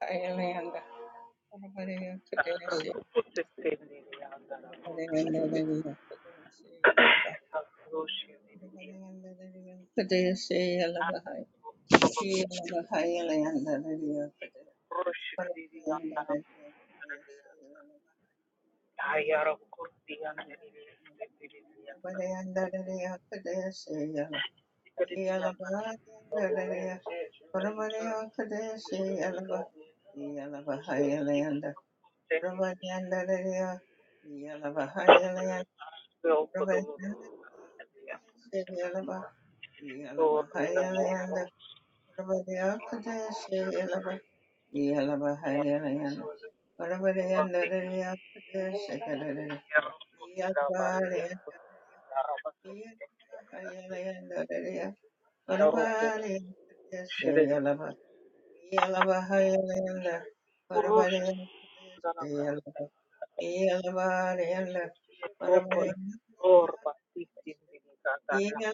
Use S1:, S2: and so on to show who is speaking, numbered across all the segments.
S1: Ireland, Arabia, Kadeshi, Arabia, Arabia, Kadeshi, Alaba, Arabia, Arabia, Kadeshi, Alaba, Kadeshi, Alaba, Ireland, Arabia, Kadeshi, Arabia, Kadeshi, Alaba, he Alaba, Ireland, Arabia, Kadeshi, Alaba, he Alaba, Ireland, Arabia, Kadeshi, Alaba, he Alaba, Ireland, Arabia, Kadeshi, Alaba, Yalaba, yeah.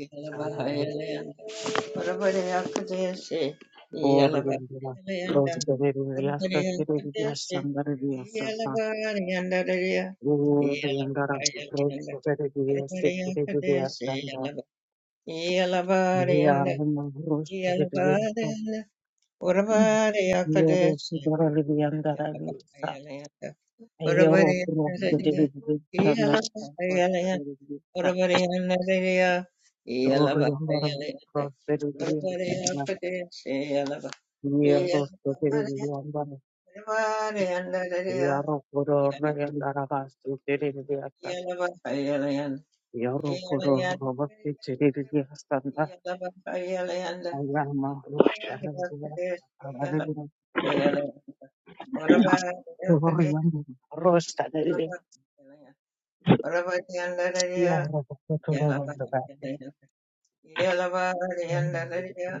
S1: Yalabahayalayanda. Orabareyakadeshe. Yalabahayalayanda. Orabareyakadeshe. Yalabahayalandareya. Yalabahayalayanda. Orabareyakadeshe. Yalaba- Yalabareyanda. Yalabareyanda. Orabareyakadeshe. Yalabahayalayanda. Orabareyandareya. Orabariyanadaya, Iyalabhayalaya, Orabariyapadeshayalabha, Iyalabhaya- Orabariyanadaya, Iyalabhayalaya, Iyalayanadaya, Iyalabhayalaya, Orabariyapadeshayalabhayalaya, Orabariyapadeshayalabhayalaya, Orabariyanadaya, Iyalabhayalaya, Iyalabhayalaya,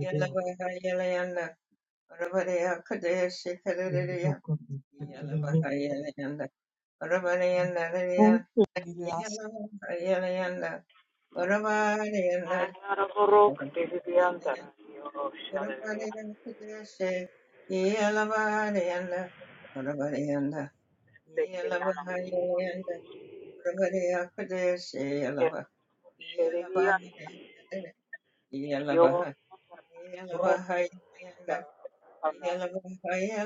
S1: Yalabahayalayanda, Arabareya Kadeshi Kadereya, Yalabahayalayanda, Arabareyanda Reya, Yalabahayalayanda, Arabareyanda, Arabareya Kadeshi, Yalabareyanda, Arabareyanda, Yalabahayalayanda, Arabareya Kadeshi, Yalaba, Yalabahayalayanda, Yalabahayalayanda, Yeah.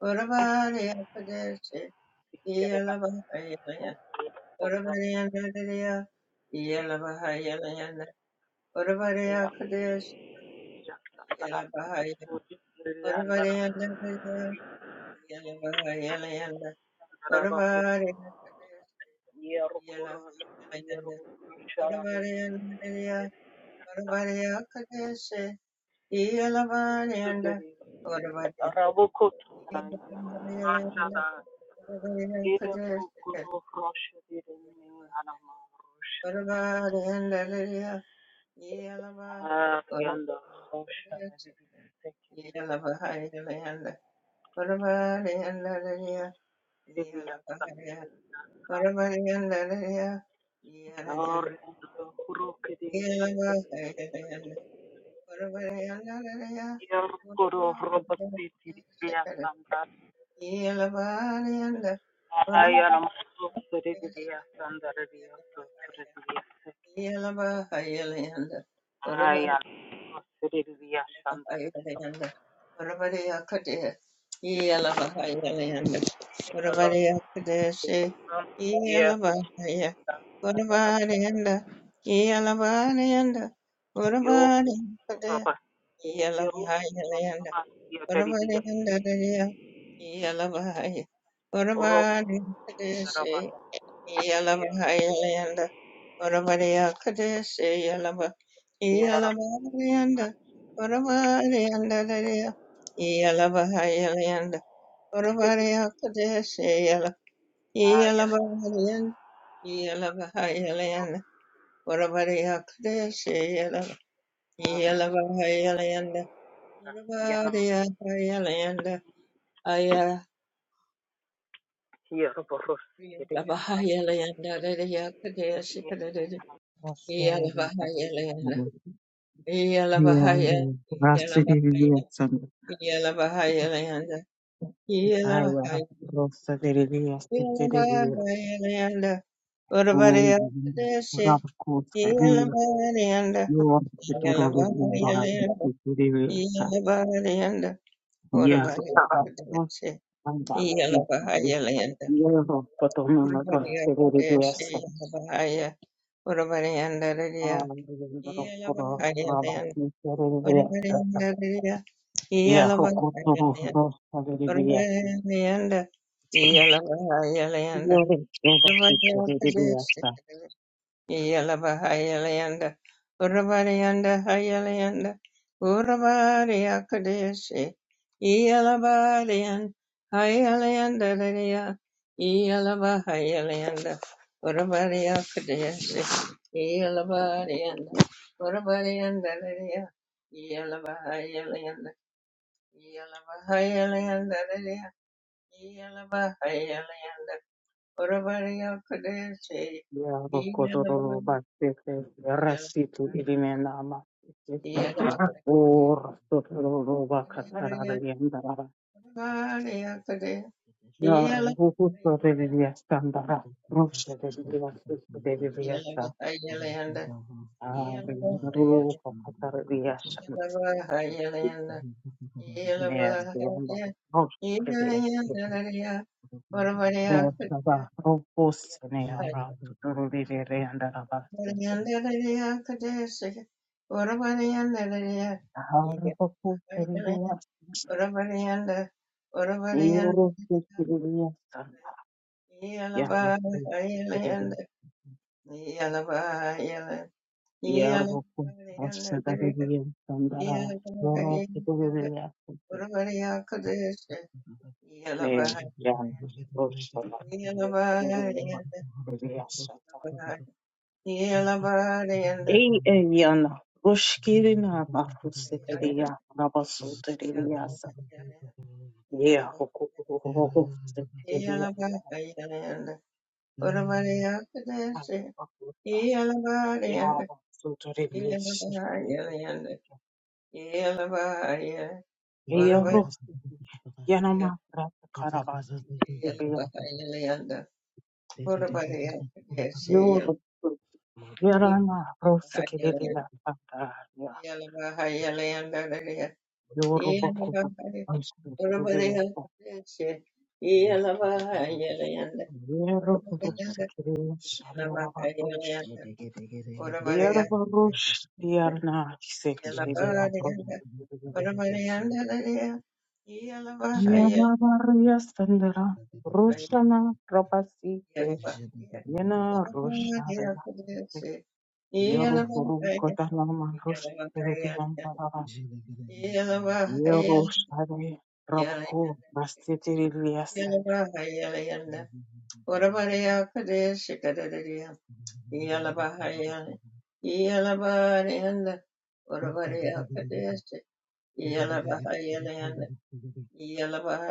S1: Oravaria Padeshe, Yelavahayalaya, Oravaria Nadaria, Yelavahayalaya, Oravaria Kadesh, Yelavahayalaya, Oravaria Nadaria, Yelavahayalaya, Oravaria Kadesh, Yelavahayalaya, Oravaria Nadaria, Oravaria Kadesh, Yelavahayalaya, Oravaria Yelavahayalaya, Oravaria Kadesh, Yeah. yanda, Bahayalayanda, Varavaraya Kadaya, Yala Bahayalayanda, Varavaraya Kadaya Se, Yala Bahaya, Varavarayanda, Yala Bahayanda, Varavaraya Kadaya, Yala Bahayalayanda, Varavarayanda Daya, Yala Bahaya, Varavaraya Kadaya Yalaba Hayalanda Oravaria Kadesh Yalaba Yalaba Hayalanda Oravaria Yalaba Hayalanda Oravaria Kadesh Yalaba Yalaba Hayalanda Yalaba Hayalanda Oravaria Kadesh Yalaba Yalaba Hayalanda Oravaria Hayalanda Ayala Yalaba Hayalanda Kadesh Kadesh Yalaba Hayalanda Yalabahaya, Yalabahaya, Yalabahaya Layanda, Yalabahaya, Yalabahaya Layanda, Urabariya Desi, Yalabariyanda, Yalabahaya Layanda, Yalabariyanda, Urabariya Desi, Yalabahaya Layanda, Urabariya Desi, Yalabahaya, Urabariyanda Riya, Yalabahaya Layanda, Urabariyanda Riya, Yala Bahaya Yanda Yalabaha Yalayanda Urabadiakadesha Yalabaha Yalayanda Urabadianda Hayalayanda Urabadiakadesha Yalabadian Hayalayanda Daria Yalabaha Yalayanda Urabadiakadesha Yalabadianda Urabadianda Daria Yalabaha Yalayanda Yalabaha Yalayanda yeah.
S2: J'ai
S1: Yeah. Yeah.
S2: Jada
S1: Yellow,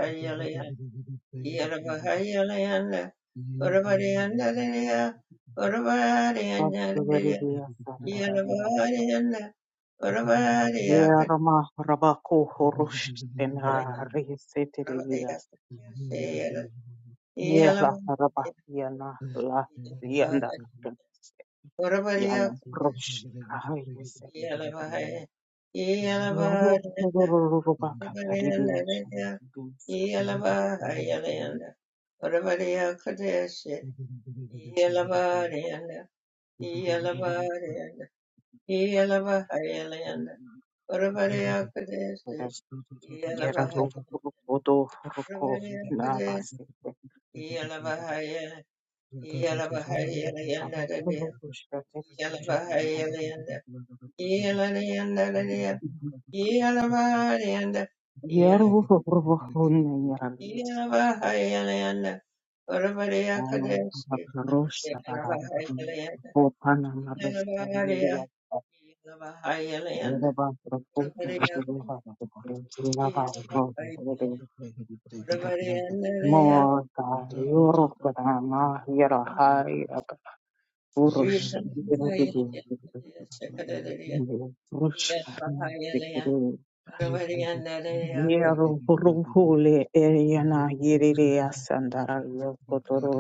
S2: Thank you.
S1: Yalabahayalayanda, Urabadiandadaya, Urabadiandadaya, Yalabahayanda, Urabadiyakadaya, Urabadiya, Yasayala, Yalabahaya, Yalabahaya, Urabadiyakadaya, Yalabahaya, Yalabahayanda, Urabadiandadaya, Yalabahayalayanda, Urabadiyakadaya, Yalabahayanda, Yalabahayanda, Yelabahayalayanda, Uravariyapadesi, Yelabahayalayanda, Uravariyapadesi, Yelabahaya-
S2: Thank
S1: Yelabahayalayanda, Dadaya, Yelabahayalayanda, Yelayanda, Dadaya, Yelabahayalayanda, Yela- Yelabahayalayanda, Uravariyapadesi, Yelabahayalayanda, Yelabahaya- Yelabahayalayanda, Uravariyapadesi, Yelabahayalayanda,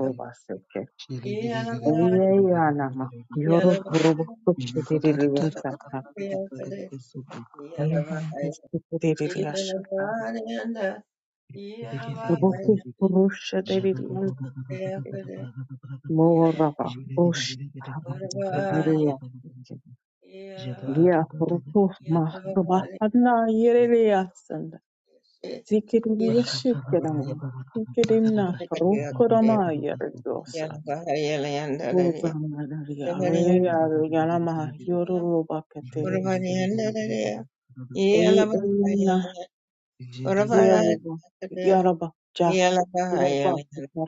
S2: you. Mandele
S1: Yeah. Yeah.
S2: Bragada,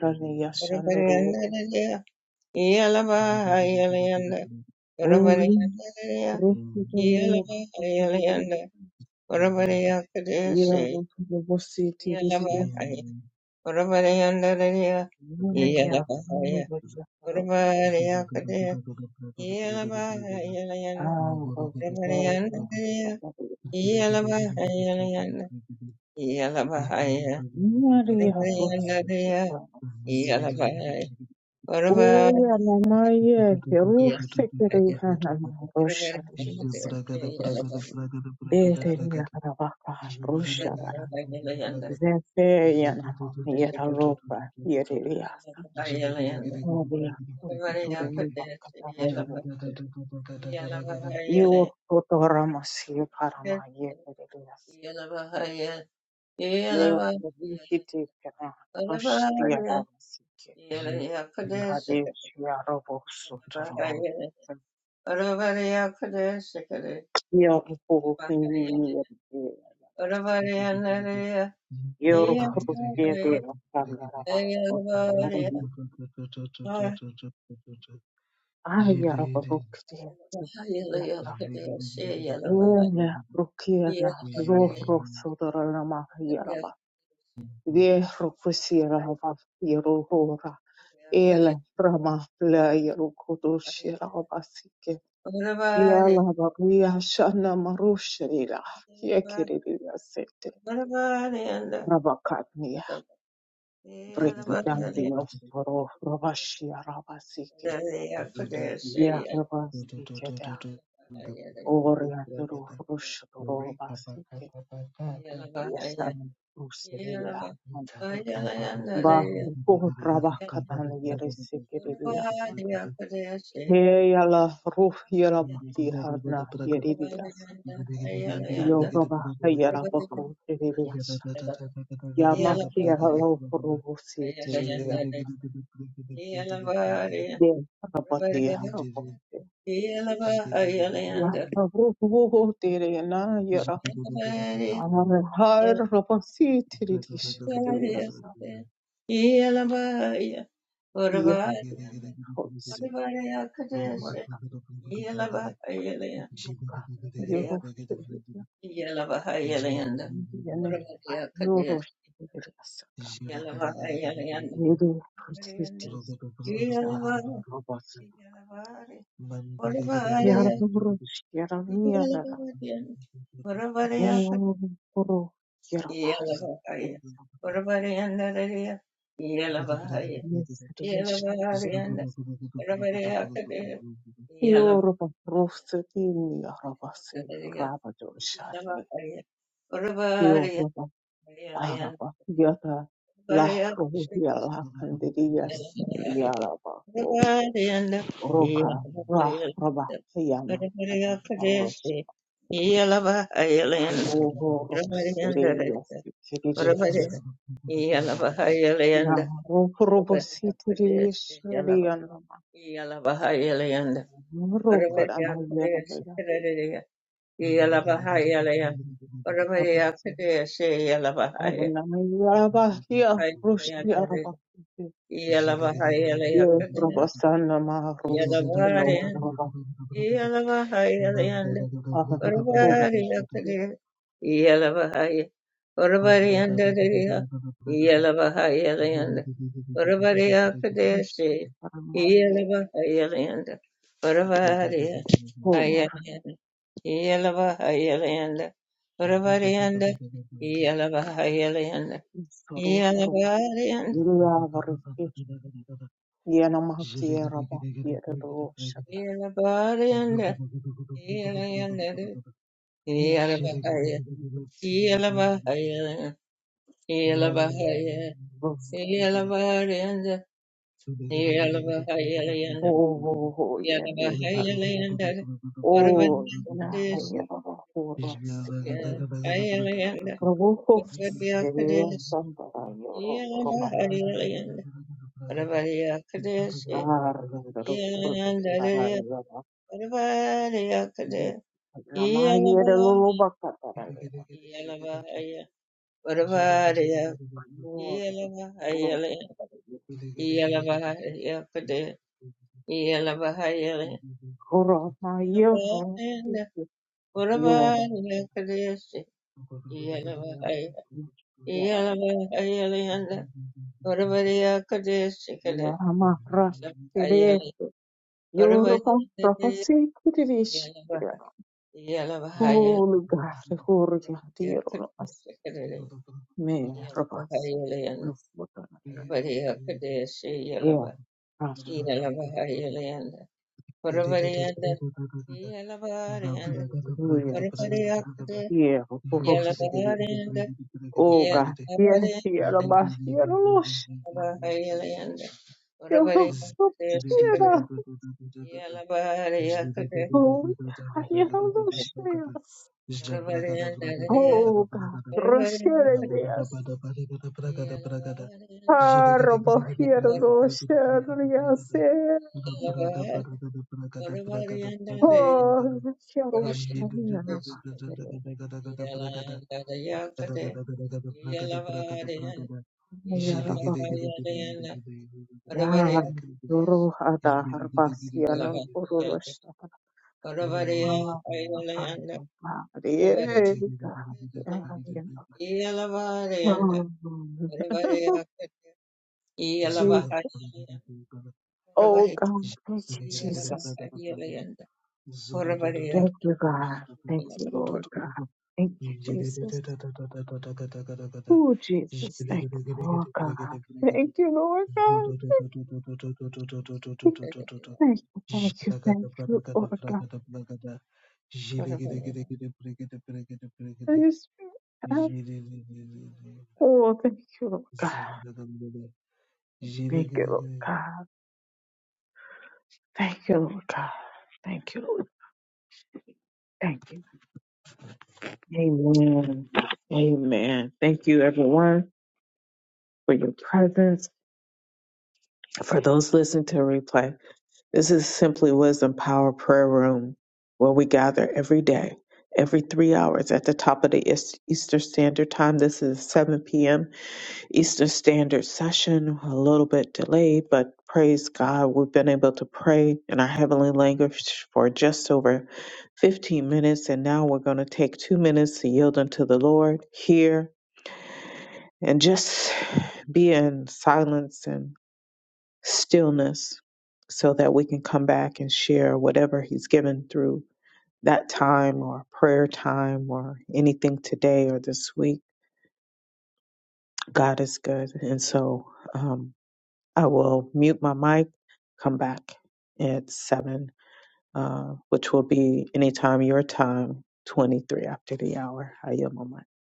S1: Yeah.
S2: bragada, bragada, bragada, bragada, Jele
S1: Oravaria Kodeshikade Bakaya Oravaria Nadia Yavaria Yavaria Bahaya Kodeshe Yavaria Yavaria Kodeshe Oravaria Oravaria Yavaria Kodeshe
S2: Thank you.
S1: Yavaria Yeah.
S2: Thank you.
S1: Yelavahayalanda. Uravadya Kadesh. Yelavahayalanda. Varenda. Yelavari. Yelavari. Uravadya. Yelavadya. Uravadya Yelavahaya. Uravadyanda Radya. Yelavahaya. Yelavaryanda. Uravadya Kadesh. Yelavahaya. Radea. Yelavahaya. Uravadya. Yelayanda. Uravadya. Yalabahaya,
S2: Zhele
S1: Yalabahayalayanda, Varvariyakade, Yalabahaya, Varvariyandariya, Yalabahayalayanda, Varvariyakadesi, Yalabahayalayanda, Varvariya, Hayalayanda, Yalabahayalayanda, Varvariyanda, Yalabahayalayanda, Yalabariyanda, Yalabariyanda, Yalayanda,
S2: Jada
S1: Yalabahaya, Yalabahayalayanda, Yelabahaya, Yelabahayanda, Yelabahayalayanda, Yelabahayalayanda, Parvanyakadesi, Hayalayanda, Parvanyakadesi, Yelabahayalayanda, Parvanyakadesi, Yelayanda, Parvanyakadesi, Yelabahaya, Yelabahaya, Parvanyakadesi, Yelabahaya, Yelabahayakadesi,
S2: Zzzz.
S1: Yelabahaya, Yellow, Yalabahayalayanda, Varavareyakade, Shikade,
S2: Jilly
S1: Yalabahareyakade, Yalabahare, Varavarayandaraya, Varavareyakade, Yalabahareyanda, Varavareyalabahare, Varavarayandaraya, Varavareyakade, Shikade, Yalandarayakade, Yalabahareyan, Yalabahayalayanda, Varavareyakade, Yalabahayalayanda, Varavareyakade, Yalabahayalayanda,
S2: Zagada
S1: Varavareyakade, Yelavarayanda Varavarakata Yelavahayalayanda Varavahayalayanda Varavarakata
S3: This is Simply Wisdom Power Prayer Room, where we gather every day, every three hours at the top of the East- Eastern Standard Time. This is 7 p.m. Eastern Standard Session, a little bit delayed, but praise God, we've been able to pray in our heavenly language for just over 15 minutes. And now we're going to take two minutes to yield unto the Lord here and just be in silence and stillness so that we can come back and share whatever He's given through that time or prayer time or anything today or this week. God is good. And so um, I will mute my mic, come back at 7, uh, which will be anytime your time, 23 after the hour. I yield my mic.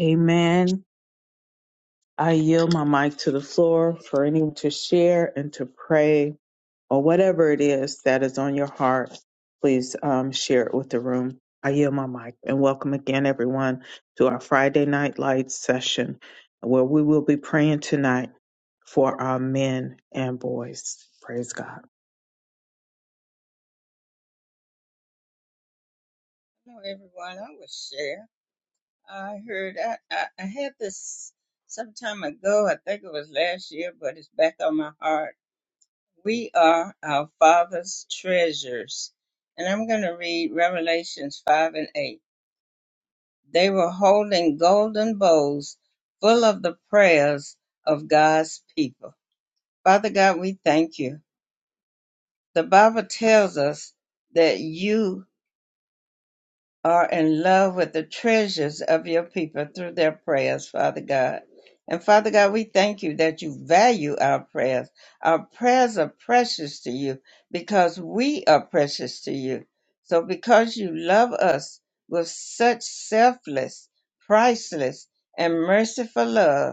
S3: Amen. I yield my mic to the floor for anyone to share and to pray or whatever it is that is on your heart, please um, share it with the room. I yield my mic and welcome again, everyone, to our Friday Night Lights session where we will be praying tonight for our men and boys. Praise God.
S1: Hello everyone, I was share. I heard I, I, I had this some time ago, I think it was last year, but it's back on my heart. We are our father's treasures. And I'm gonna read Revelations five and eight. They were holding golden bowls full of the prayers of God's people. Father God, we thank you. The Bible tells us that you are in love with the treasures of your people through their prayers, Father God. And Father God, we thank you that you value our prayers. Our prayers are precious to you because we are precious to you. So because you love us with such selfless, priceless, and merciful love,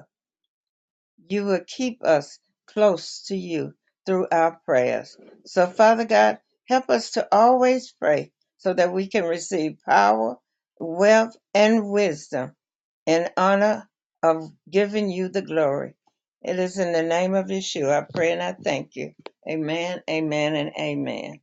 S1: you will keep us close to you through our prayers. So, Father God, help us to always pray so that we can receive power, wealth, and wisdom in honor of giving you the glory. It is in the name of Yeshua. I pray and I thank you. Amen, amen, and amen.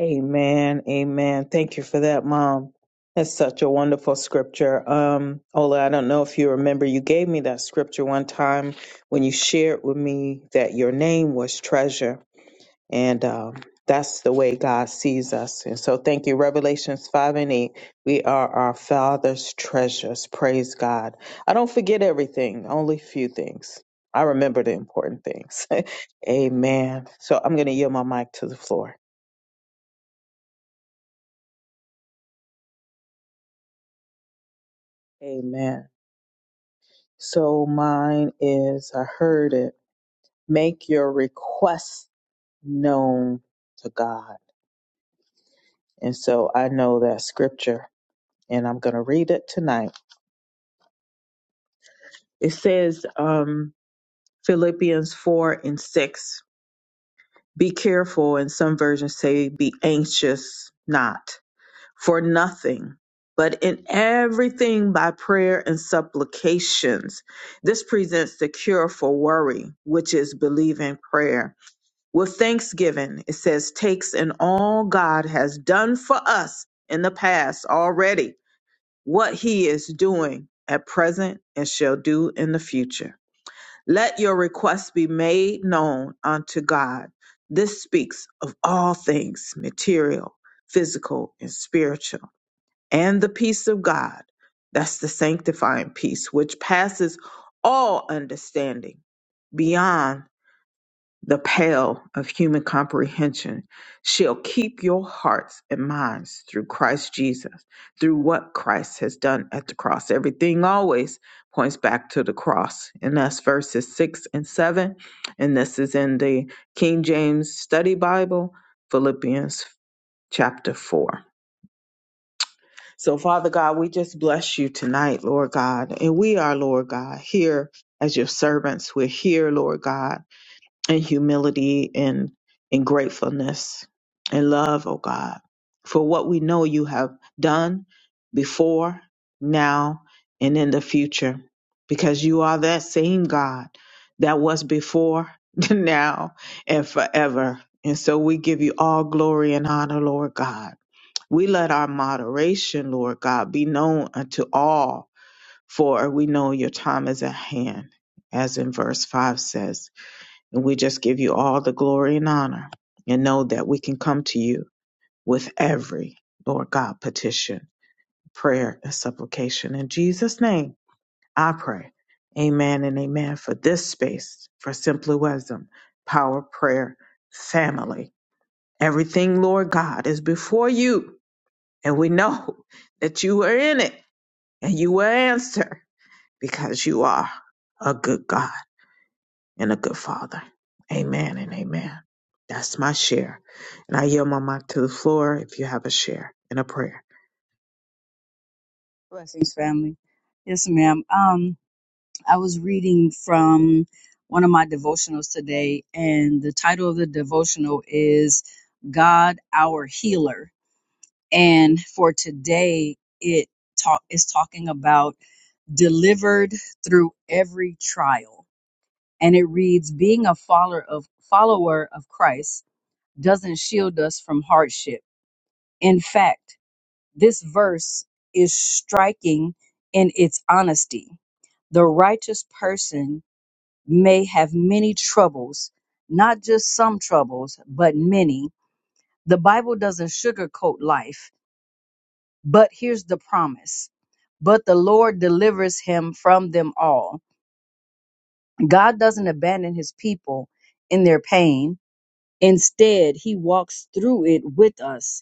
S3: Amen. Amen. Thank you for that, Mom. That's such a wonderful scripture. Um, Ola, I don't know if you remember, you gave me that scripture one time when you shared with me that your name was treasure And um, that's the way God sees us. And so thank you. Revelations 5 and 8. We are our Father's treasures. Praise God. I don't forget everything, only few things. I remember the important things. Amen. So I'm going to yield my mic to the floor. Amen. So mine is, I heard it, make your requests known to God. And so I know that scripture and I'm going to read it tonight. It says, um, Philippians 4 and 6. Be careful, and some versions say, be anxious not for nothing, but in everything by prayer and supplications. This presents the cure for worry, which is believing prayer. With thanksgiving, it says, takes in all God has done for us in the past already, what he is doing at present and shall do in the future. Let your requests be made known unto God. This speaks of all things material, physical, and spiritual. And the peace of God, that's the sanctifying peace, which passes all understanding beyond the pale of human comprehension shall keep your hearts and minds through Christ Jesus, through what Christ has done at the cross. Everything always points back to the cross. And that's verses six and seven. And this is in the King James Study Bible, Philippians chapter four. So, Father God, we just bless you tonight, Lord God. And we are, Lord God, here as your servants. We're here, Lord God and humility and and gratefulness and love, oh God, for what we know you have done before, now, and in the future, because you are that same God that was before, now, and forever. And so we give you all glory and honor, Lord God. We let our moderation, Lord God, be known unto all, for we know your time is at hand, as in verse 5 says. And we just give you all the glory and honor and know that we can come to you with every, Lord God, petition, prayer, and supplication. In Jesus' name, I pray. Amen and amen for this space, for Simply Wisdom, Power, Prayer, Family. Everything, Lord God, is before you. And we know that you are in it and you will answer because you are a good God. and a good father. Amen and amen. That's my share. And I yield my mic to the floor if you have a share and a prayer.
S4: Blessings, family. Yes, ma'am. Um, I was reading from one of my devotionals today, and the title of the devotional is God Our Healer. And for today, it talk is talking about delivered through every trial. And it reads, being a follower of follower of Christ doesn't shield us from hardship. In fact, this verse is striking in its honesty The righteous person may have many troubles, not just some troubles, but many. The Bible doesn't sugarcoat life, but here's the promise. But the Lord delivers him from them all. God doesn't abandon his people in their pain. Instead, he walks through it with us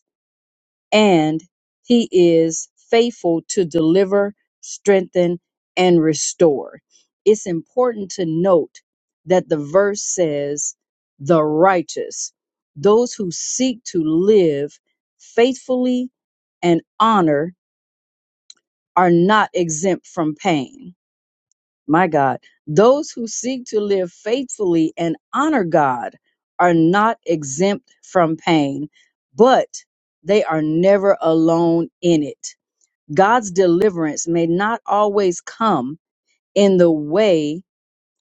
S4: and he is faithful to deliver, strengthen, and restore. It's important to note that the verse says, the righteous, those who seek to live faithfully and honor are not exempt from pain. My God, those who seek to live faithfully and honor God are not exempt from pain, but they are never alone in it God's deliverance may not always come in the way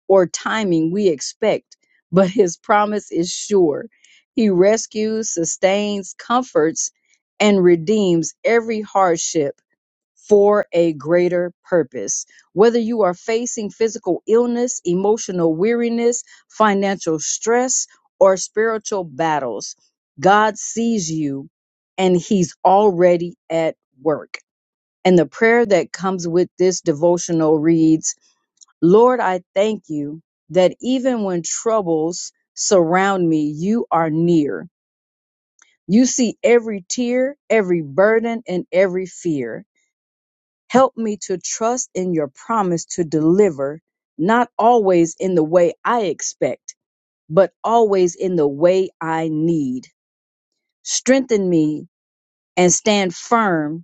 S4: or timing we expect, but his promise is sure. He rescues, sustains, comforts, and redeems every hardship for a greater purpose. Whether you are facing physical illness, emotional weariness, financial stress, or spiritual battles, God sees you and he's already at work. And the prayer that comes with this devotional reads, Lord, I thank you that even when troubles surround me, you are near. You see every tear, every burden, and every fear. Help me to trust in your promise to deliver, not always in the way I expect, but always in the way I need. Strengthen me and stand firm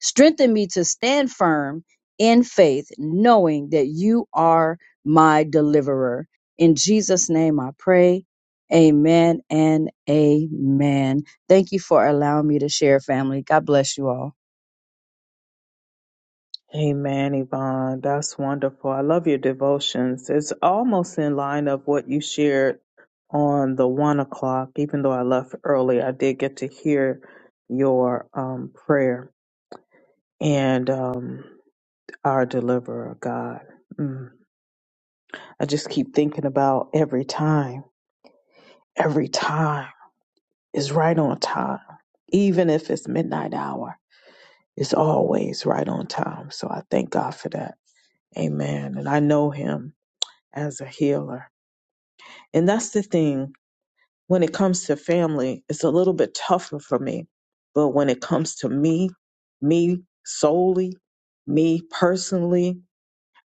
S4: Strengthen me to stand firm in faith, knowing that you are my deliverer. In Jesus' name I pray. Amen and amen. Thank you for allowing me to share, family. God bless you all.
S3: Amen, Yvonne. That's wonderful. I love your devotions. It's almost in line of what you shared on the one o'clock. Even though I left early, I did get to hear your um, prayer and um, our deliverer, God. Mm. I just keep thinking about every time, every time. is right on time. Even if it's midnight hour, it's always right on time. So I thank God for that. Amen. And I know him as a healer. And that's the thing when it comes to family, it's a little bit tougher for me. But when it comes to me, me solely, me personally,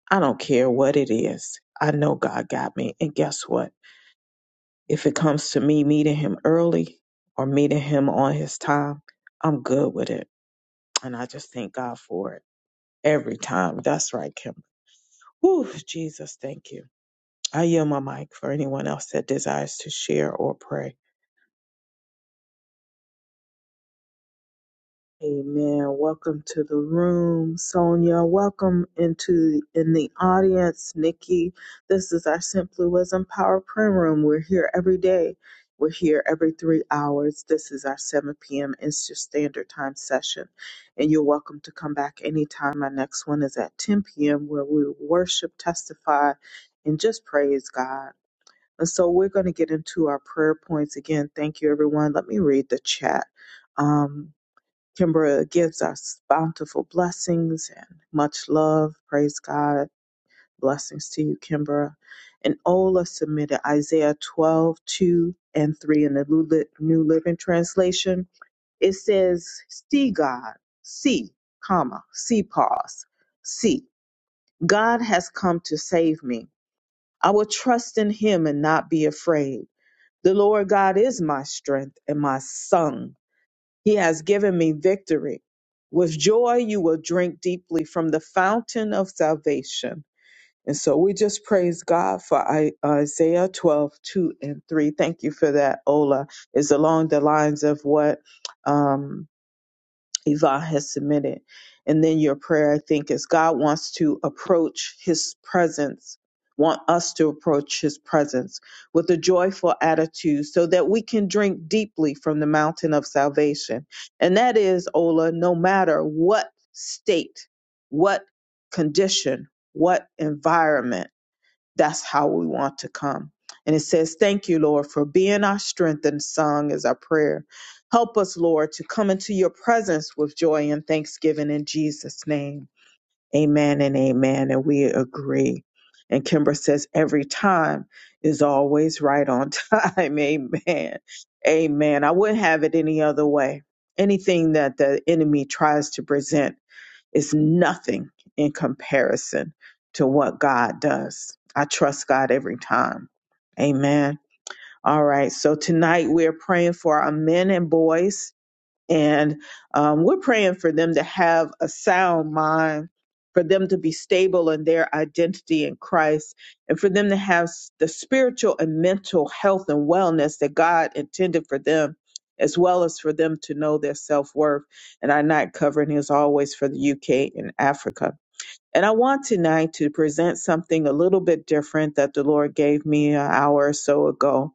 S3: I don't care what it is. I know God got me. And guess what? If it comes to me meeting him early or meeting him on his time, I'm good with it And I just thank God for it every time. That's right, Kim. Whew, Jesus, thank you. I yield my mic for anyone else that desires to share or pray. Amen. Welcome to the room, Sonia. Welcome into in the audience, Nikki. This is our Simply Wisdom Power Prayer Room. We're here every day. We're here every three hours. This is our 7 p.m. Eastern Standard Time session. And you're welcome to come back anytime. Our next one is at 10 p.m., where we worship, testify, and just praise God. And so we're going to get into our prayer points again. Thank you, everyone. Let me read the chat. Um, Kimbra gives us bountiful blessings and much love. Praise God. Blessings to you, Kimbra. And Ola submitted Isaiah 12:2 and 3 in the Lu- Li- New Living Translation. It says, See God, see, comma, see, pause, see. God has come to save me. I will trust in him and not be afraid. The Lord God is my strength and my song he has given me victory. With joy, you will drink deeply from the fountain of salvation. And so we just praise God for I, Isaiah 12, 2 and 3. Thank you for that, Ola. It's along the lines of what um, Yvonne has submitted. And then your prayer, I think, is God wants to approach his presence, want us to approach his presence with a joyful attitude so that we can drink deeply from the mountain of salvation. And that is, Ola, no matter what state, what condition, what environment that's how we want to come. And it says, Thank you, Lord, for being our strength and song is our prayer. Help us, Lord, to come into your presence with joy and thanksgiving in Jesus' name. Amen and amen. And we agree. And Kimber says, Every time is always right on time. Amen. Amen. I wouldn't have it any other way. Anything that the enemy tries to present is nothing in comparison to what God does. I trust God every time. Amen. All right. So tonight we are praying for our men and boys and um, we're praying for them to have a sound mind, for them to be stable in their identity in Christ, and for them to have s- the spiritual and mental health and wellness that God intended for them, as well as for them to know their self worth. And our night covering is always for the UK and Africa. And I want tonight to present something a little bit different that the Lord gave me an hour or so ago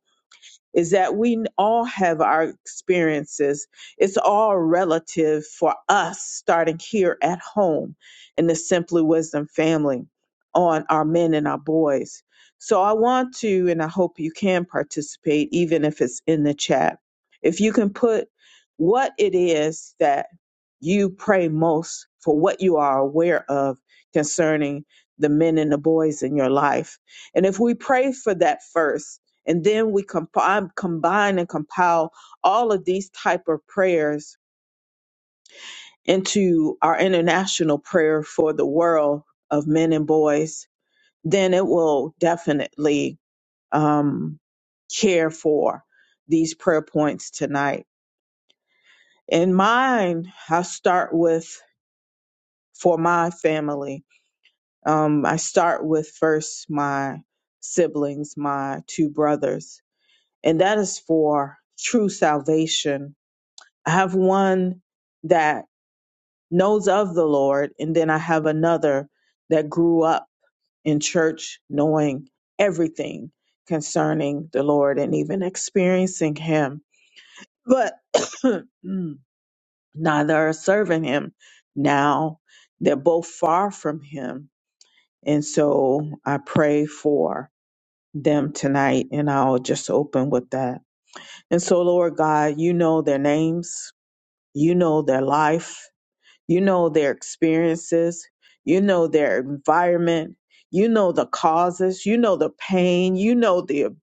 S3: is that we all have our experiences. It's all relative for us, starting here at home in the Simply Wisdom family on our men and our boys. So I want to, and I hope you can participate, even if it's in the chat. If you can put what it is that you pray most for what you are aware of concerning the men and the boys in your life. And if we pray for that first, and then we comp- I combine and compile all of these type of prayers into our international prayer for the world of men and boys then it will definitely um, care for these prayer points tonight in mine i start with for my family um, i start with first my siblings my two brothers and that is for true salvation I have one that knows of the Lord, and then I have another that grew up in church knowing everything concerning the Lord and even experiencing Him, but neither are serving Him. Now they're both far from Him. And so I pray for them tonight, and I'll just open with that. And so, Lord God, you know their names, you know their life You know their experiences. You know their environment. You know the causes. You know the pain. You know the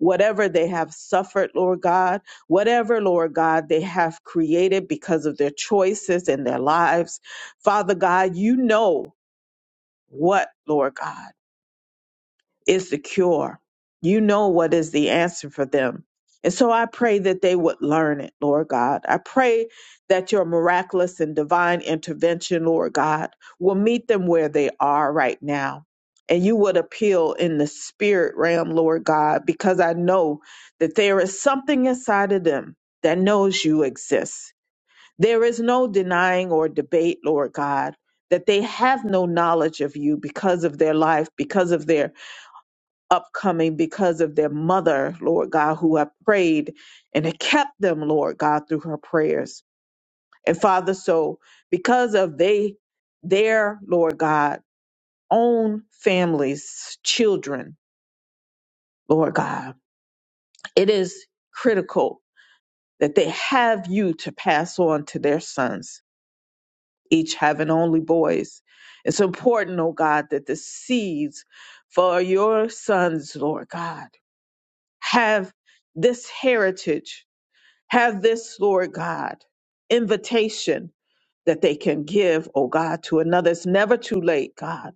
S3: whatever they have suffered, Lord God, whatever, Lord God, they have created because of their choices and their lives. Father God, you know what, Lord God is the cure. You know what is the answer for them. And so I pray that they would learn it, Lord God. I pray that your miraculous and divine intervention, Lord God, will meet them where they are right now. And you would appeal in the spirit realm, Lord God, because I know that there is something inside of them that knows you exist. There is no denying or debate, Lord God, that they have no knowledge of you because of their life, because of their upcoming because of their mother, Lord God, who have prayed and have kept them, Lord God, through her prayers. And Father, so because of they their, Lord God, own families, children, Lord God, it is critical that they have you to pass on to their sons, each having only boys. It's important, oh God, that the seeds for your sons, Lord God, have this heritage Have this, Lord God, invitation that they can give, oh God, to another. It's never too late, God.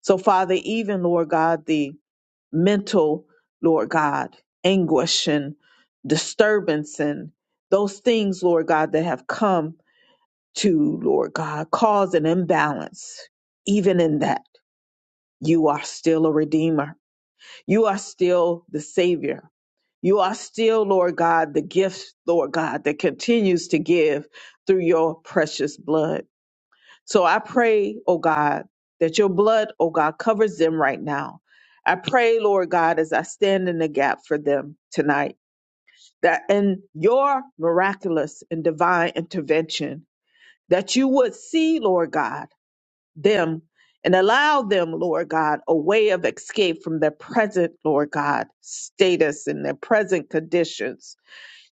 S3: So, Father, even, Lord God, the mental, Lord God, anguish and disturbance and those things, Lord God, that have come to, Lord God, cause an imbalance, even in that, you are still a redeemer. You are still the Savior. You are still, Lord God, the gift, Lord God, that continues to give through your precious blood. So I pray, oh God, that your blood, oh God, covers them right now. I pray, Lord God, as I stand in the gap for them tonight, that in your miraculous and divine intervention, that you would see, Lord God, them and allow them, Lord God, a way of escape from their present, Lord God, status and their present conditions.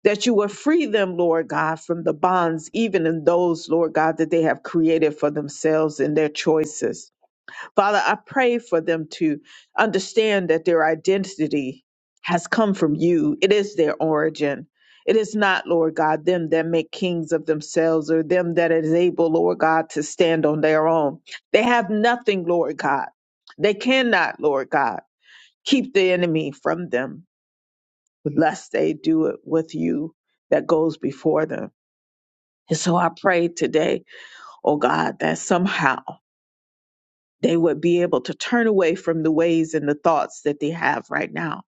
S3: That you will free them, Lord God, from the bonds, even in those, Lord God, that they have created for themselves in their choices. Father, I pray for them to understand that their identity has come from you. It is their origin. It is not, Lord God, them that make kings of themselves or them that is able, Lord God, to stand on their own. They have nothing, Lord God. They cannot, Lord God, keep the enemy from them lest they do it with you that goes before them. And so I pray today, oh God, that somehow they would be able to turn away from the ways and the thoughts that they have right now.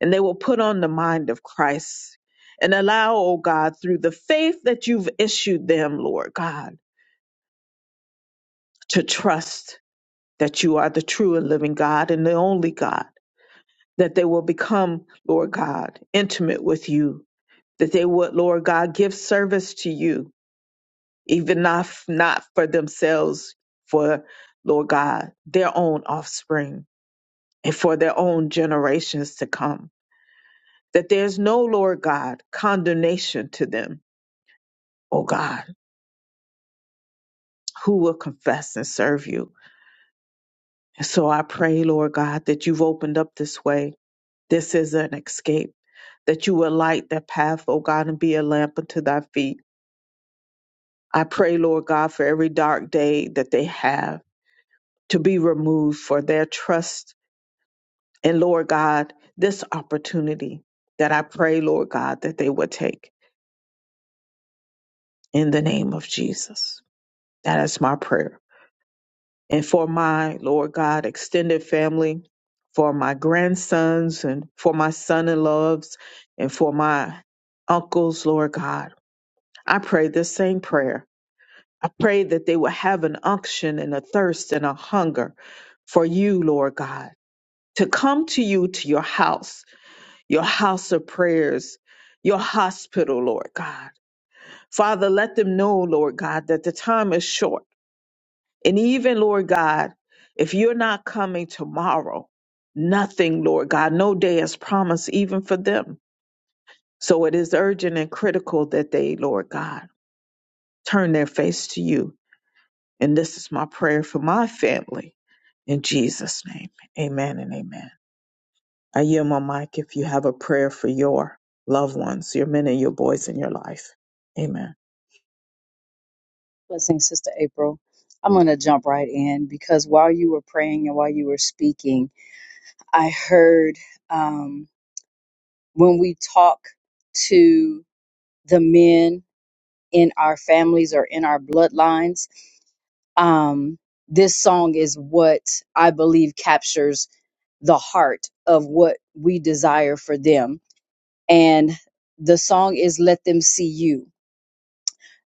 S3: And they will put on the mind of Christ and allow, oh God, through the faith that you've issued them, Lord God, to trust that you are the true and living God and the only God, that they will become, Lord God, intimate with you, that they would, Lord God, give service to you, even if not for themselves, for, Lord God, their own offspring and for their own generations to come. That there's no, Lord God, condemnation to them, oh God, who will confess and serve you. And so I pray, Lord God, that you've opened up this way. This is an escape, that you will light their path, oh God, and be a lamp unto thy feet. I pray, Lord God, for every dark day that they have to be removed for their trust. And Lord God, this opportunity that I pray, Lord God, that they will take in the name of Jesus. That is my prayer. And for my, Lord God, extended family, for my grandsons and for my son in laws and for my uncles, Lord God, I pray this same prayer. I pray that they will have an unction and a thirst and a hunger for you, Lord God, to come to you to your house, your house of prayers, your hospital, Lord God. Father, let them know, Lord God, that the time is short And even, Lord God, if you're not coming tomorrow, nothing, Lord God, no day is promised even for them. So it is urgent and critical that they, Lord God, turn their face to you. And this is my prayer for my family. In Jesus' name, amen and amen. I yield my mic if you have a prayer for your loved ones, your men and your boys in your life. Amen.
S4: Blessings, Sister April. I'm going to jump right in because while you were praying and while you were speaking, I heard um, when we talk to the men in our families or in our bloodlines um, this song is what I believe captures the heart of what we desire for them. And the song is Let Them See You.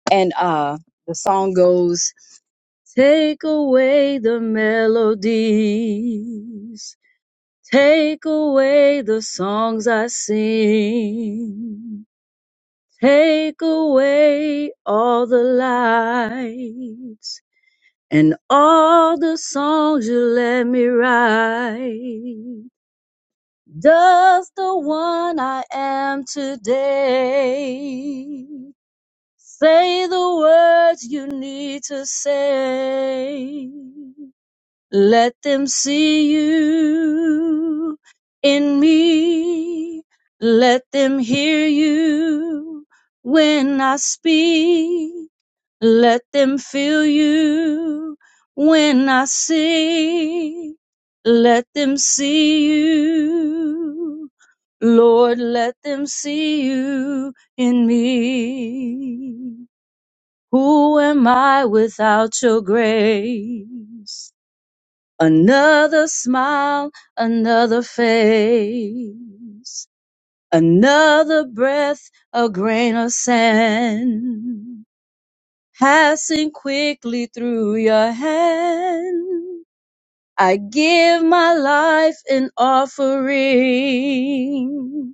S4: And uh, the song goes, Take away the melodies, take away the songs I sing, take away all the lights. and all the songs you let me write. does the one I am today. Say the words you need to say. Let them see you in me. Let them hear you when I speak. Let them feel you when I sing. Let them see you. Lord, let them see you in me. Who am I without your grace? Another smile, another face, another breath, a grain of sand passing quickly through your hand. I give my life an offering.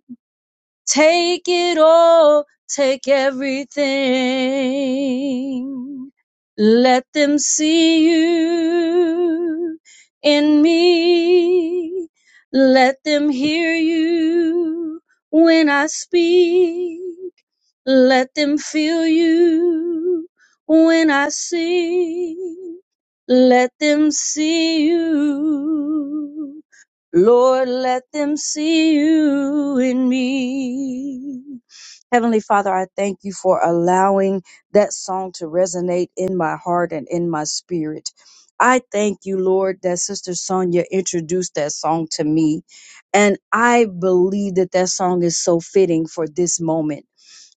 S4: Take it all, take everything. Let them see you in me. Let them hear you when I speak. Let them feel you when I sing. Let them see you Lord, let them see you in me. Heavenly Father, I thank you for allowing that song to resonate in my heart and in my spirit. I thank you, Lord, that Sister Sonia introduced that song to me. And I believe that that song is so fitting for this moment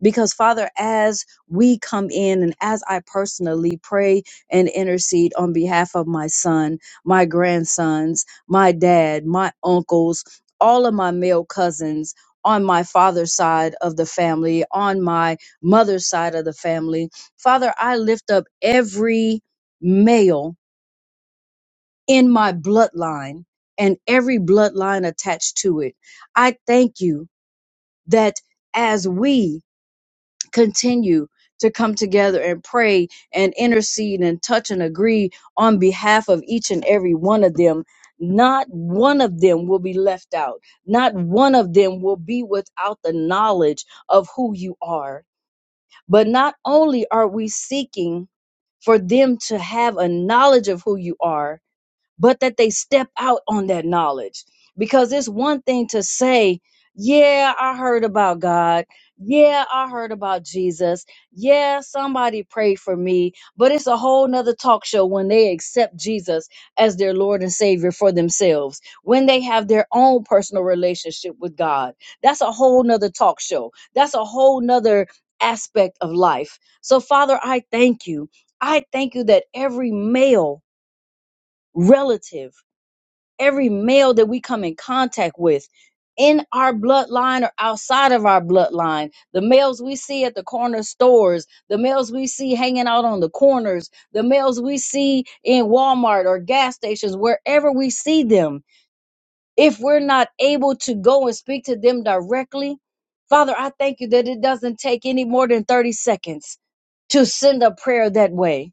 S4: because, Father, as we come in and as I personally pray and intercede on behalf of my son, my grandsons, my dad, my uncles, all of my male cousins on my father's side of the family, on my mother's side of the family, Father, I lift up every male in my bloodline and every bloodline attached to it. I thank you that as we continue to come together and pray and intercede and touch and agree on behalf of each and every one of them. Not one of them will be left out. Not one of them will be without the knowledge of who you are. But not only are we seeking for them to have a knowledge of who you are, but that they step out on that knowledge. Because it's one thing to say, yeah, I heard about God. Yeah, I heard about Jesus. Yeah, somebody prayed for me. But it's a whole nother talk show when they accept Jesus as their Lord and Savior for themselves, when they have their own personal relationship with God. That's a whole nother talk show. That's a whole nother aspect of life. So, Father, I thank you. I thank you that every male relative every male that we come in contact with in our bloodline or outside of our bloodline, the males we see at the corner stores, the males we see hanging out on the corners, the males we see in Walmart or gas stations, wherever we see them, if we're not able to go and speak to them directly, Father, I thank you that it doesn't take any more than 30 seconds to send a prayer that way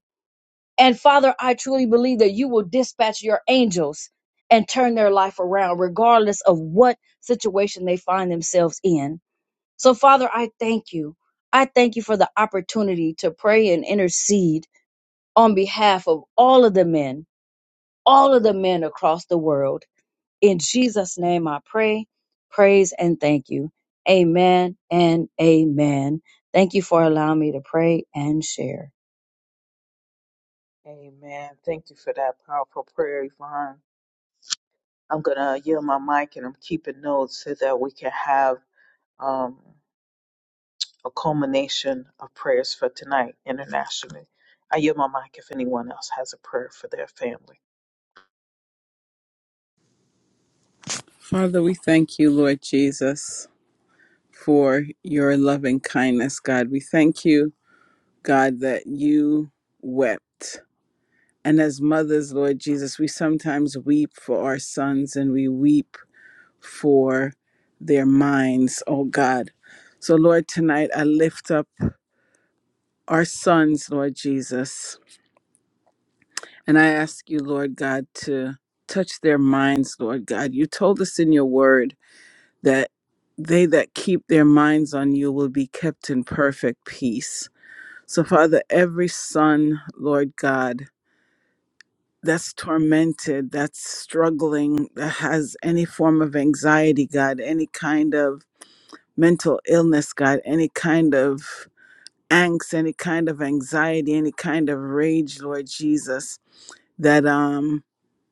S4: and Father, I truly believe that you will dispatch your angels and turn their life around, regardless of what situation they find themselves in. So, Father, I thank you. I thank you for the opportunity to pray and intercede on behalf of all of the men, all of the men across the world. In Jesus' name, I pray, praise, and thank you. Amen and amen. Thank you for allowing me to pray and share.
S3: Amen. Thank you for that powerful prayer, Yvonne. I'm going to yield my mic and I'm keeping notes so that we can have. um, a culmination of prayers for tonight internationally. I yield my mic if anyone else has a prayer for their family.
S5: for your loving kindness, God. We thank you, God, that you wept. And as mothers, Lord Jesus, we sometimes weep for our sons and we weep for their minds, oh God. So, Lord, tonight I lift up our sons, Lord Jesus, and I ask you, Lord God, to touch their minds, Lord God. You told us in your word that they that keep their minds on you will be kept in perfect peace. So, Father, every son, Lord God, that's tormented, that's struggling, that has any form of anxiety, God, any kind of mental illness, God, any kind of angst, any kind of anxiety, any kind of rage, Lord Jesus, that um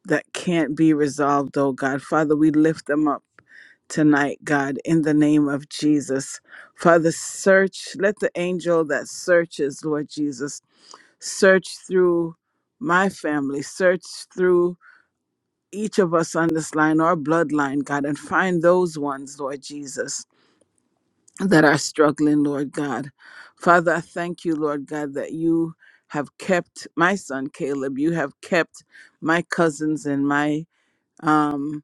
S5: that can't be resolved, oh God. Father, we lift them up tonight, God, in the name of Jesus. Father, search, let the angel that searches, Lord Jesus search through my family, search through each of us on this line or bloodline, God, and find those ones, Lord Jesus, that are struggling, Lord God. Father, I thank you, Lord God, that you have kept my son Caleb, you have kept my cousins and my um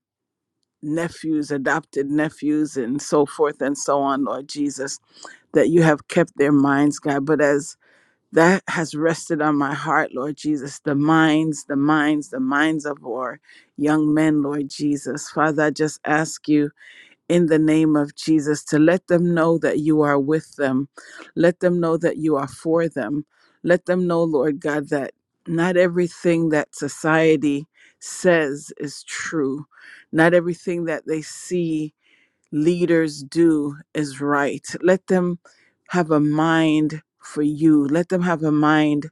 S5: nephews, adopted nephews and so forth and so on, Lord Jesus, that you have kept their minds, God. But as that has rested on my heart, Lord Jesus. The minds, the minds, the minds of our young men, Lord Jesus. Father, I just ask you in the name of Jesus to let them know that you are with them. Let them know that you are for them. Let them know, Lord God, that not everything that society says is true. Not everything that they see leaders do is right. Let them have a mind for you. Let them have a mind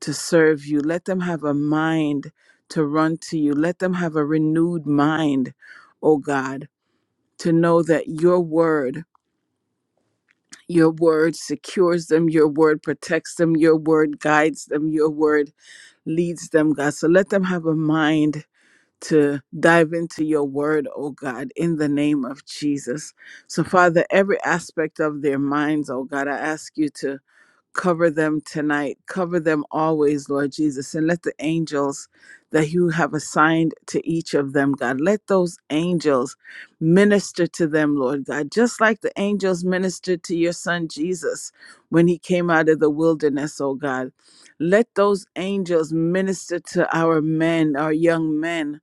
S5: to serve you. Let them have a mind to run to you. Let them have a renewed mind, oh God, to know that your word, your word secures them, your word protects them, your word guides them, your word leads them, God. So let them have a mind to dive into your word, oh God, in the name of Jesus. So, Father, every aspect of their minds, oh God, I ask you to cover them tonight, cover them always, Lord Jesus, and let the angels that you have assigned to each of them, God, let those angels minister to them, Lord God, just like the angels ministered to your son Jesus when he came out of the wilderness, oh God. Let those angels minister to our men, our young men,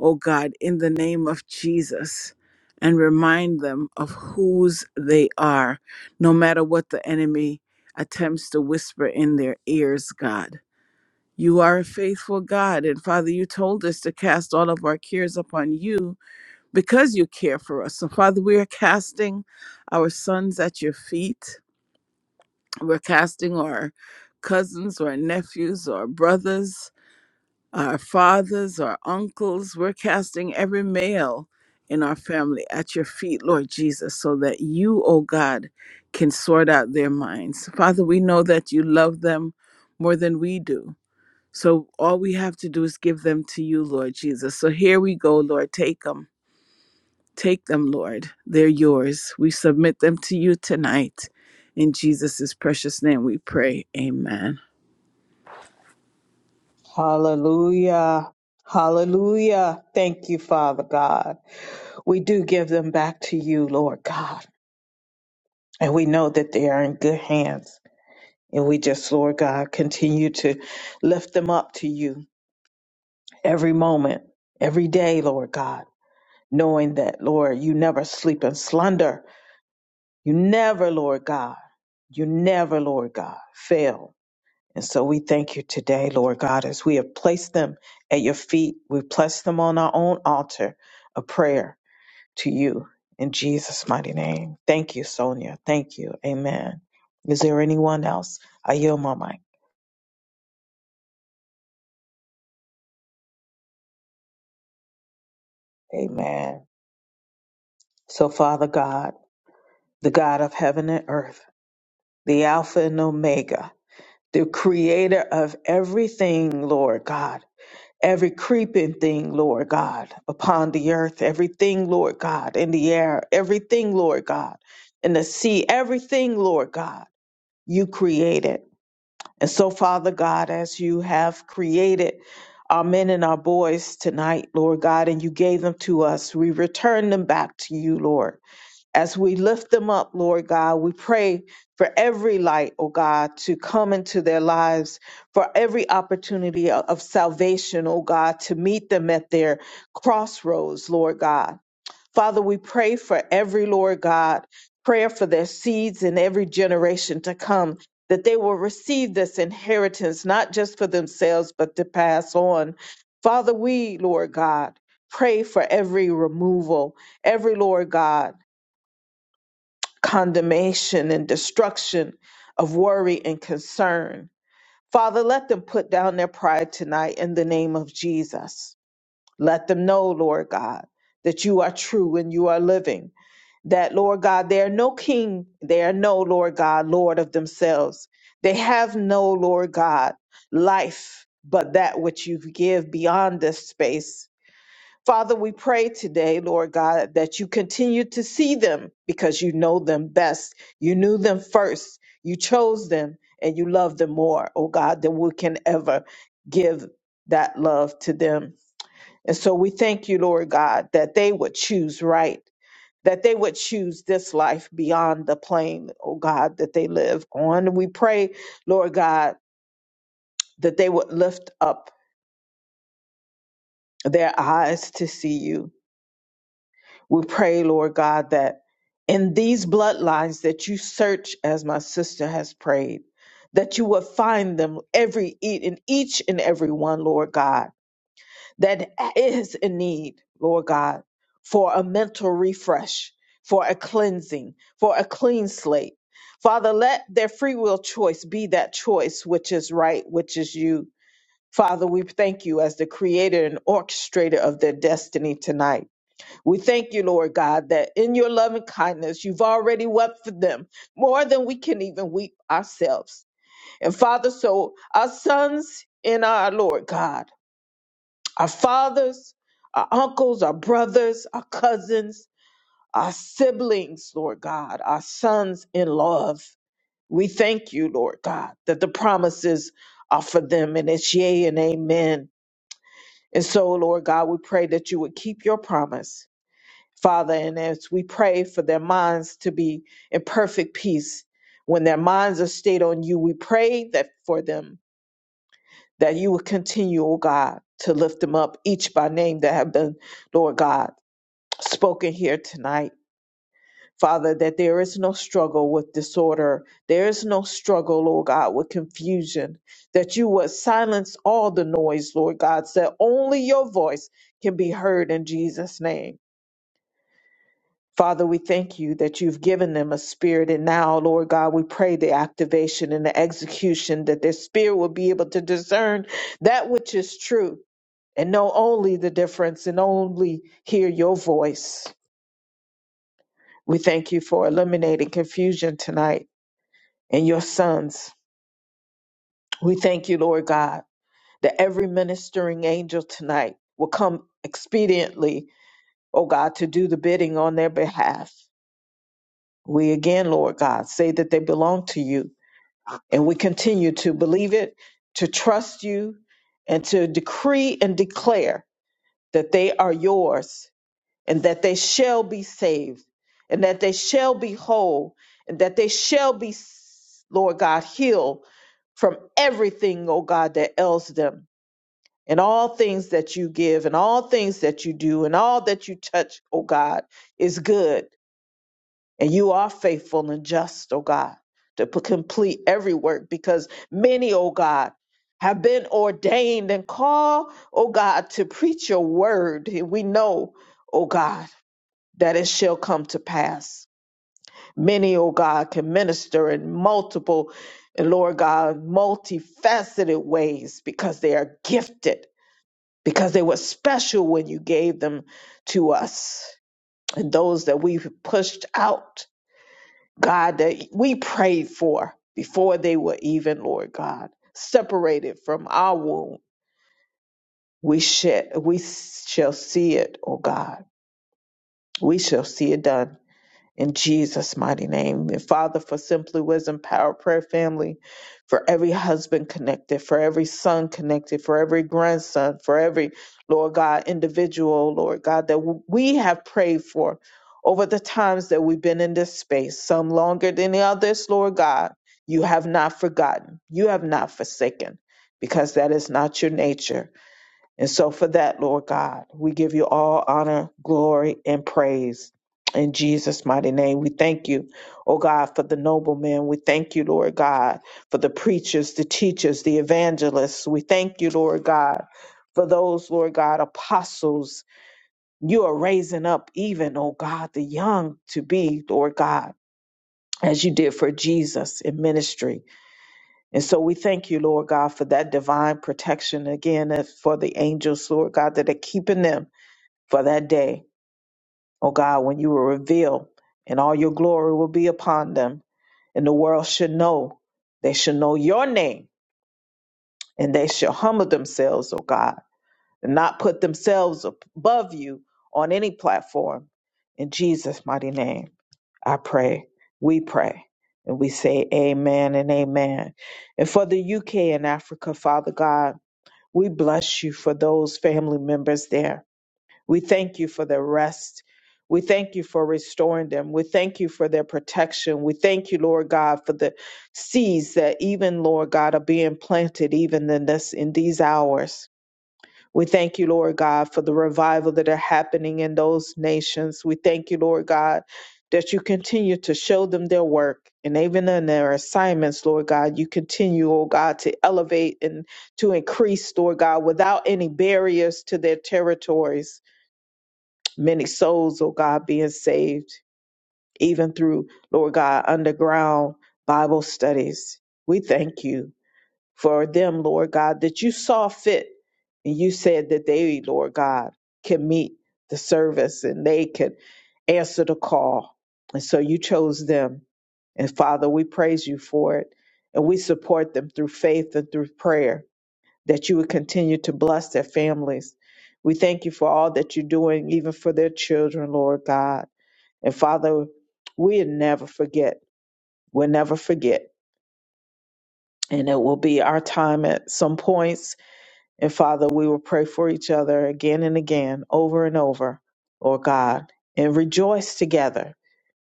S5: oh God, in the name of Jesus, and remind them of whose they are, no matter what the enemy attempts to whisper in their ears, God. You are a faithful God. And Father, you told us to cast all of our cares upon you because you care for us. So, Father, we are casting our sons at your feet. We're casting our cousins or nephews or brothers our fathers, our uncles. We're casting every male in our family at your feet, Lord Jesus, so that you, oh God, can sort out their minds. Father, we know that you love them more than we do. So all we have to do is give them to you, Lord Jesus. So here we go, Lord. Take them. Take them, Lord. They're yours. We submit them to you tonight. In Jesus' precious name we pray. Amen.
S3: Hallelujah. Hallelujah. Thank you, Father God. We do give them back to you, Lord God. And we know that they are in good hands. And we just, Lord God, continue to lift them up to you every moment, every day, Lord God, knowing that, Lord, you never sleep in slumber. You never, Lord God, you never, Lord God, fail. And so we thank you today, Lord God, as we have placed them at your feet. We've placed them on our own altar, a prayer to you in Jesus' mighty name. Thank you, Sonia. Thank you. Amen. Is there anyone else? I yield my mic. Amen. So, Father God, the God of heaven and earth, the Alpha and Omega, the creator of everything, Lord God. every creeping thing, Lord God, upon the earth, everything, Lord God, in the air, everything, Lord God, in the sea, everything, Lord God, you created. And so, Father God, as you have created our men and our boys tonight, Lord God, and you gave them to us, we return them back to you, Lord as we lift them up, Lord God, we pray for every light, oh God, to come into their lives, for every opportunity of of salvation, oh God, to meet them at their crossroads, Lord God. Father, we pray for every, Lord God, prayer for their seeds in every generation to come, that they will receive this inheritance, not just for themselves, but to pass on. Father, we, Lord God, pray for every removal, every, Lord God, condemnation and destruction of worry and concern. Father, let them put down their pride tonight in the name of Jesus. Let them know, Lord God, that you are true and you are living. That, Lord God, they are no king. They are no, Lord God, Lord of themselves. They have no, Lord God, life but that which you give beyond this space Father, we pray today, Lord God, that you continue to see them because you know them best. You knew them first. You chose them and you love them more, oh God, than we can ever give that love to them. And so we thank you, Lord God, that they would choose right, that they would choose this life beyond the plane, oh God, that they live on. We pray, Lord God, that they would lift up their eyes to see you We pray, Lord God, that in these bloodlines that you search, as my sister has prayed, that you will find them every e- in each and every one, Lord God, that is in need, Lord God, for a mental refresh, for a cleansing, for a clean slate. Father, let their free will choice be that choice which is right, which is you. Father, we thank you as the creator and orchestrator of their destiny tonight. We thank you, Lord God, that in your loving kindness, you've already wept for them more than we can even weep ourselves. And Father, so our sons in our Lord God, our fathers, our uncles, our brothers, our cousins, our siblings, Lord God, our sons in love, we thank you, Lord God, that the promises are for them and it's yea and amen. And so, Lord God, we pray that you would keep your promise Father, and as we pray for their minds to be in perfect peace, when their minds are stayed on you, we pray that for them that you will continue, O God, to lift them up each by name that have been, Lord God, spoken here tonight. Father, that there is no struggle with disorder. There is no struggle, Lord God, with confusion. That you would silence all the noise, Lord God, so that only your voice can be heard in Jesus' name. Father, we thank you that you've given them a spirit. And now, Lord God, we pray the activation and the execution that their spirit will be able to discern that which is true and know only the difference and only hear your voice. We thank you for eliminating confusion tonight and your sons. We thank you, Lord God, that every ministering angel tonight will come expediently, oh God, to do the bidding on their behalf. We again, Lord God, say that they belong to you And we continue to believe it, to trust you, and to decree and declare that they are yours and that they shall be saved and that they shall be whole and that they shall be, Lord God, healed from everything, oh God, that ails them and all things that you give and all things that you do and all that you touch, oh God, is good. And you are faithful and just, O God, to p- complete every work because many, O God, have been ordained and called, O God, to preach your word. And we know, O God, that it shall come to pass. Many, O God, can minister in multiple and Lord God, multifaceted ways because they are gifted, because they were special when you gave them to us. And those that we've pushed out God, that we prayed for before they were even, Lord God, separated from our womb. We shall, we shall see it, oh God. We shall see it done in Jesus' mighty name. And Father, for Simply Wisdom Power Prayer Family, for every husband connected, for every son connected, for every grandson, for every, Lord God, individual, Lord God, that we have prayed for over the times that we've been in this space, some longer than the others, Lord God, you have not forgotten, you have not forsaken, because that is not your nature. And so, for that, Lord God, we give you all honor, glory, and praise. In Jesus' mighty name, we thank you, oh God, for the noblemen. We thank you, Lord God, for the preachers, the teachers, the evangelists. We thank you, Lord God, for those, Lord God, apostles. You are raising up even, oh God, the young to be, Lord God, as you did for Jesus in ministry. And so we thank you, Lord God, for that divine protection again, and for the angels, Lord God, that are keeping them for that day, oh God, when you will reveal and all your glory will be upon them. And the world should know, they should know your name and they shall humble themselves, oh God, and not put themselves above you on any platform. In Jesus' mighty name, I pray, we pray, and we say amen and amen. And for the UK and Africa, Father God, We bless you for those family members there. We thank you for their rest. We thank you for restoring them. We thank you for their protection. We thank you, Lord God, for the seeds that even, Lord God, are being planted even in this in these hours. We thank you, Lord God, for the revival that are happening in those nations. We thank you, Lord God, that you continue to show them their work and even in their assignments, Lord God, you continue, oh God, to elevate and to increase, Lord God, without any barriers to their territories. Many souls, oh God, being saved, even through, Lord God, underground Bible studies. We thank you for them, Lord God, that you saw fit and you said that they, Lord God, can meet the service and they can answer the call. And so you chose them. And Father, we praise you for it. And we support them through faith and through prayer that you would continue to bless their families. We thank you for all that you're doing, even for their children, Lord God. And Father, we'll never forget. We'll never forget. And it will be our time at some points and Father, we will pray for each other again and again, over and over, Lord God, and rejoice together.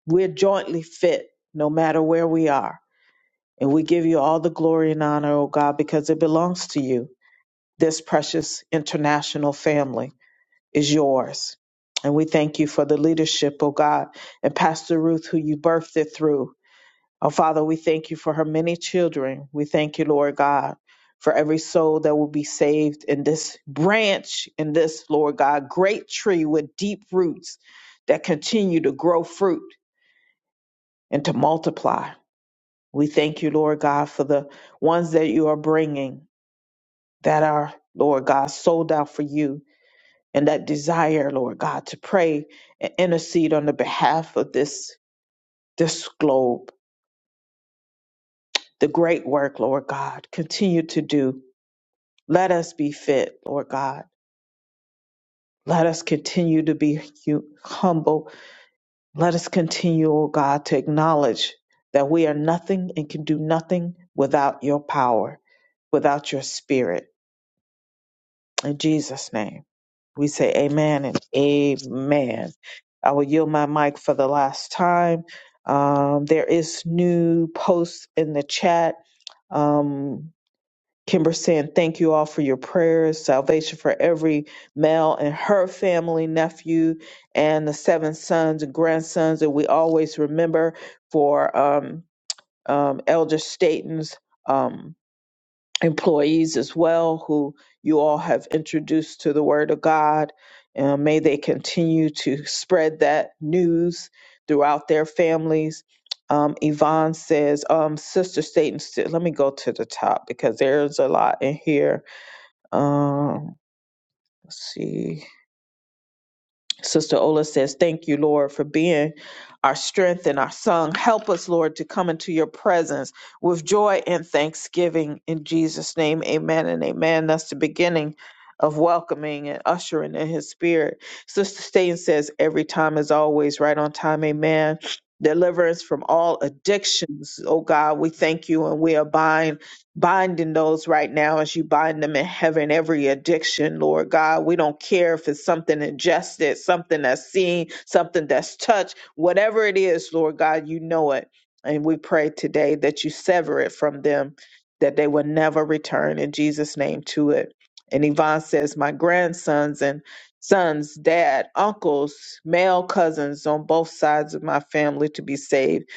S3: We're jointly fit no matter where we are. And we give you all the glory and honor, O God, because it belongs to you. This precious international family is yours. And we thank you for the leadership, O God, and Pastor Ruth, who you birthed it through Oh, Father, we thank you for her many children. We thank you, Lord God, for every soul that will be saved in this branch, in this, Lord God, great tree with deep roots that continue to grow fruit and to multiply. We thank you, Lord God, for the ones that you are bringing that are, Lord God, sold out for you and that desire, Lord God, to pray and intercede on the behalf of this, this globe. The great work, Lord God, continue to do Let us be fit, Lord God. Let us continue to be hu- humble. Let us continue, O God, to acknowledge that we are nothing and can do nothing without your power, without your spirit. In Jesus' name, we say amen and amen. I will yield my mic for the last time. Um, there is new posts in the chat. Um, Kimber saying, Thank you all for your prayers, salvation for every male and her family, nephew, and the seven sons and grandsons that we always remember for um, um, Elder Staten's. Um, employees as well who you all have introduced to the Word of God. And may they continue to spread that news throughout their families. Um, Yvonne says, um, Sister Satan, let me go to the top because there's a lot in here. Um, let's see. Sister Ola says, Thank you, Lord, for being our strength and our song. Help us, Lord, to come into your presence with joy and thanksgiving. In Jesus' name, amen and amen. That's the beginning of welcoming and ushering in his spirit. Sister Staten says, Every time is always right on time, amen. Deliverance from all addictions. Oh God, we thank you and we abide binding those right now as you bind them in heaven, every addiction, Lord God. We don't care if it's something ingested, something that's seen, something that's touched, whatever it is, Lord God, you know it. And we pray today that you sever it from them, that they will never return in Jesus' name to it. And Yvonne says, My grandsons and sons, dad, uncles, male cousins on both sides of my family to be saved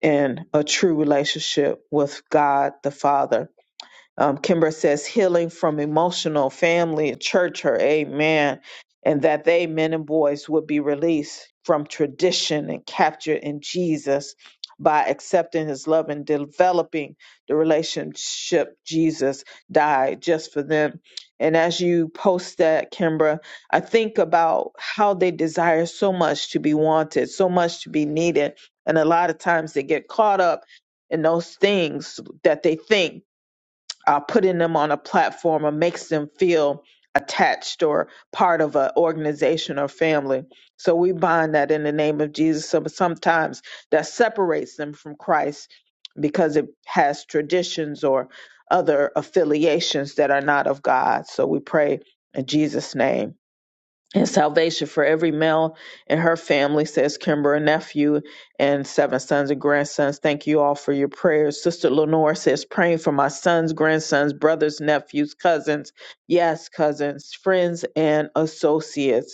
S3: in a true relationship with God the Father um, Kimbra says healing from emotional family and church hurt. Amen. And that they, men and boys, would be released from tradition and captured in Jesus by accepting his love and developing the relationship Jesus died just for them. And as you post that, Kimbra, I think about how they desire so much to be wanted, so much to be needed. And a lot of times they get caught up in those things that they think uh, putting them on a platform or makes them feel attached or part of an organization or family. So we bind that in the name of Jesus. So sometimes that separates them from Christ because it has traditions or other affiliations that are not of God. So we pray in Jesus' name and salvation for every male in her family, says Kimber, a nephew and seven sons and grandsons. Thank you all for your prayers. Sister Lenore says, praying for my sons, grandsons, brothers, nephews, cousins, yes, cousins, friends, and associates.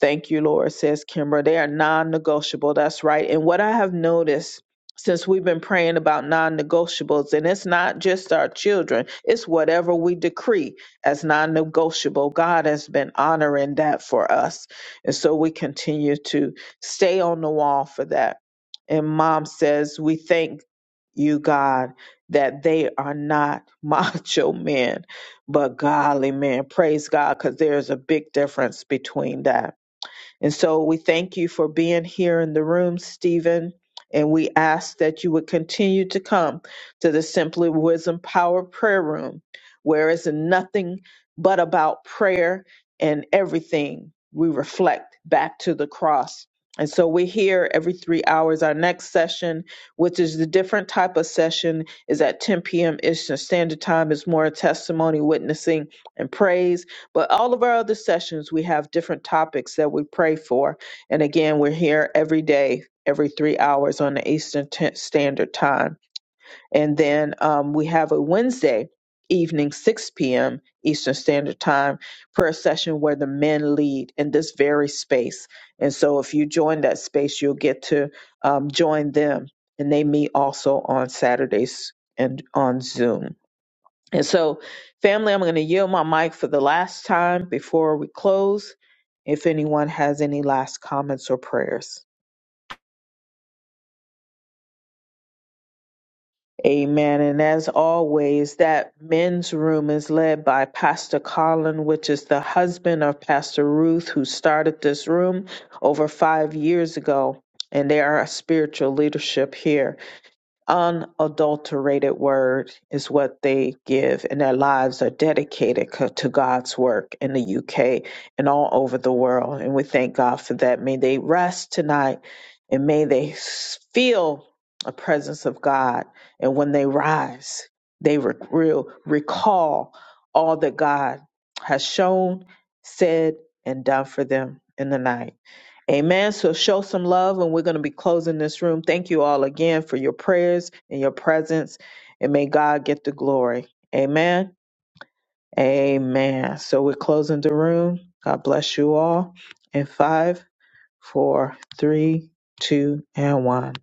S3: Thank you, Lord, says Kimbra. They are non negotiable. That's right. And what I have noticed since we've been praying about non negotiables, and it's not just our children, it's whatever we decree as non negotiable. God has been honoring that for us. And so we continue to stay on the wall for that. And mom says, We thank you, God, that they are not macho men, but godly men. Praise God, because there's a big difference between that. And so we thank you for being here in the room, Stephen. And we ask that you would continue to come to the Simply Wisdom Power Prayer Room, where it's nothing but about prayer and everything we reflect back to the cross. And so we're here every three hours. Our next session, which is the different type of session, is at 10 p.m. Eastern Standard Time. It's more testimony, witnessing, and praise. But all of our other sessions, we have different topics that we pray for. And again, we're here every day, every three hours on the Eastern T- Standard Time. And then um, we have a Wednesday evening, 6 p.m. Eastern Standard Time prayer session where the men lead in this very space. And so if you join that space, you'll get to um, join them. And they meet also on Saturdays and on Zoom. And so, family, I'm going to yield my mic for the last time before we close. If anyone has any last comments or prayers, amen. And as always, that men's room is led by Pastor Colin, which is the husband of Pastor Ruth, who started this room over five years ago. And they are a spiritual leadership here. unadulterated word is what they give, and their lives are dedicated co- to God's work in the UK and all over the world. And we thank God for that. May they rest tonight and may they s- feel a presence of God. And when they rise, they re- will recall all that God has shown, said, and done for them in the night. Amen. So show some love, and we're going to be closing this room. Thank you all again for your prayers and your presence, and may God get the glory. Amen. Amen. So we're closing the room. God bless you all. In five, four, three, two, and one.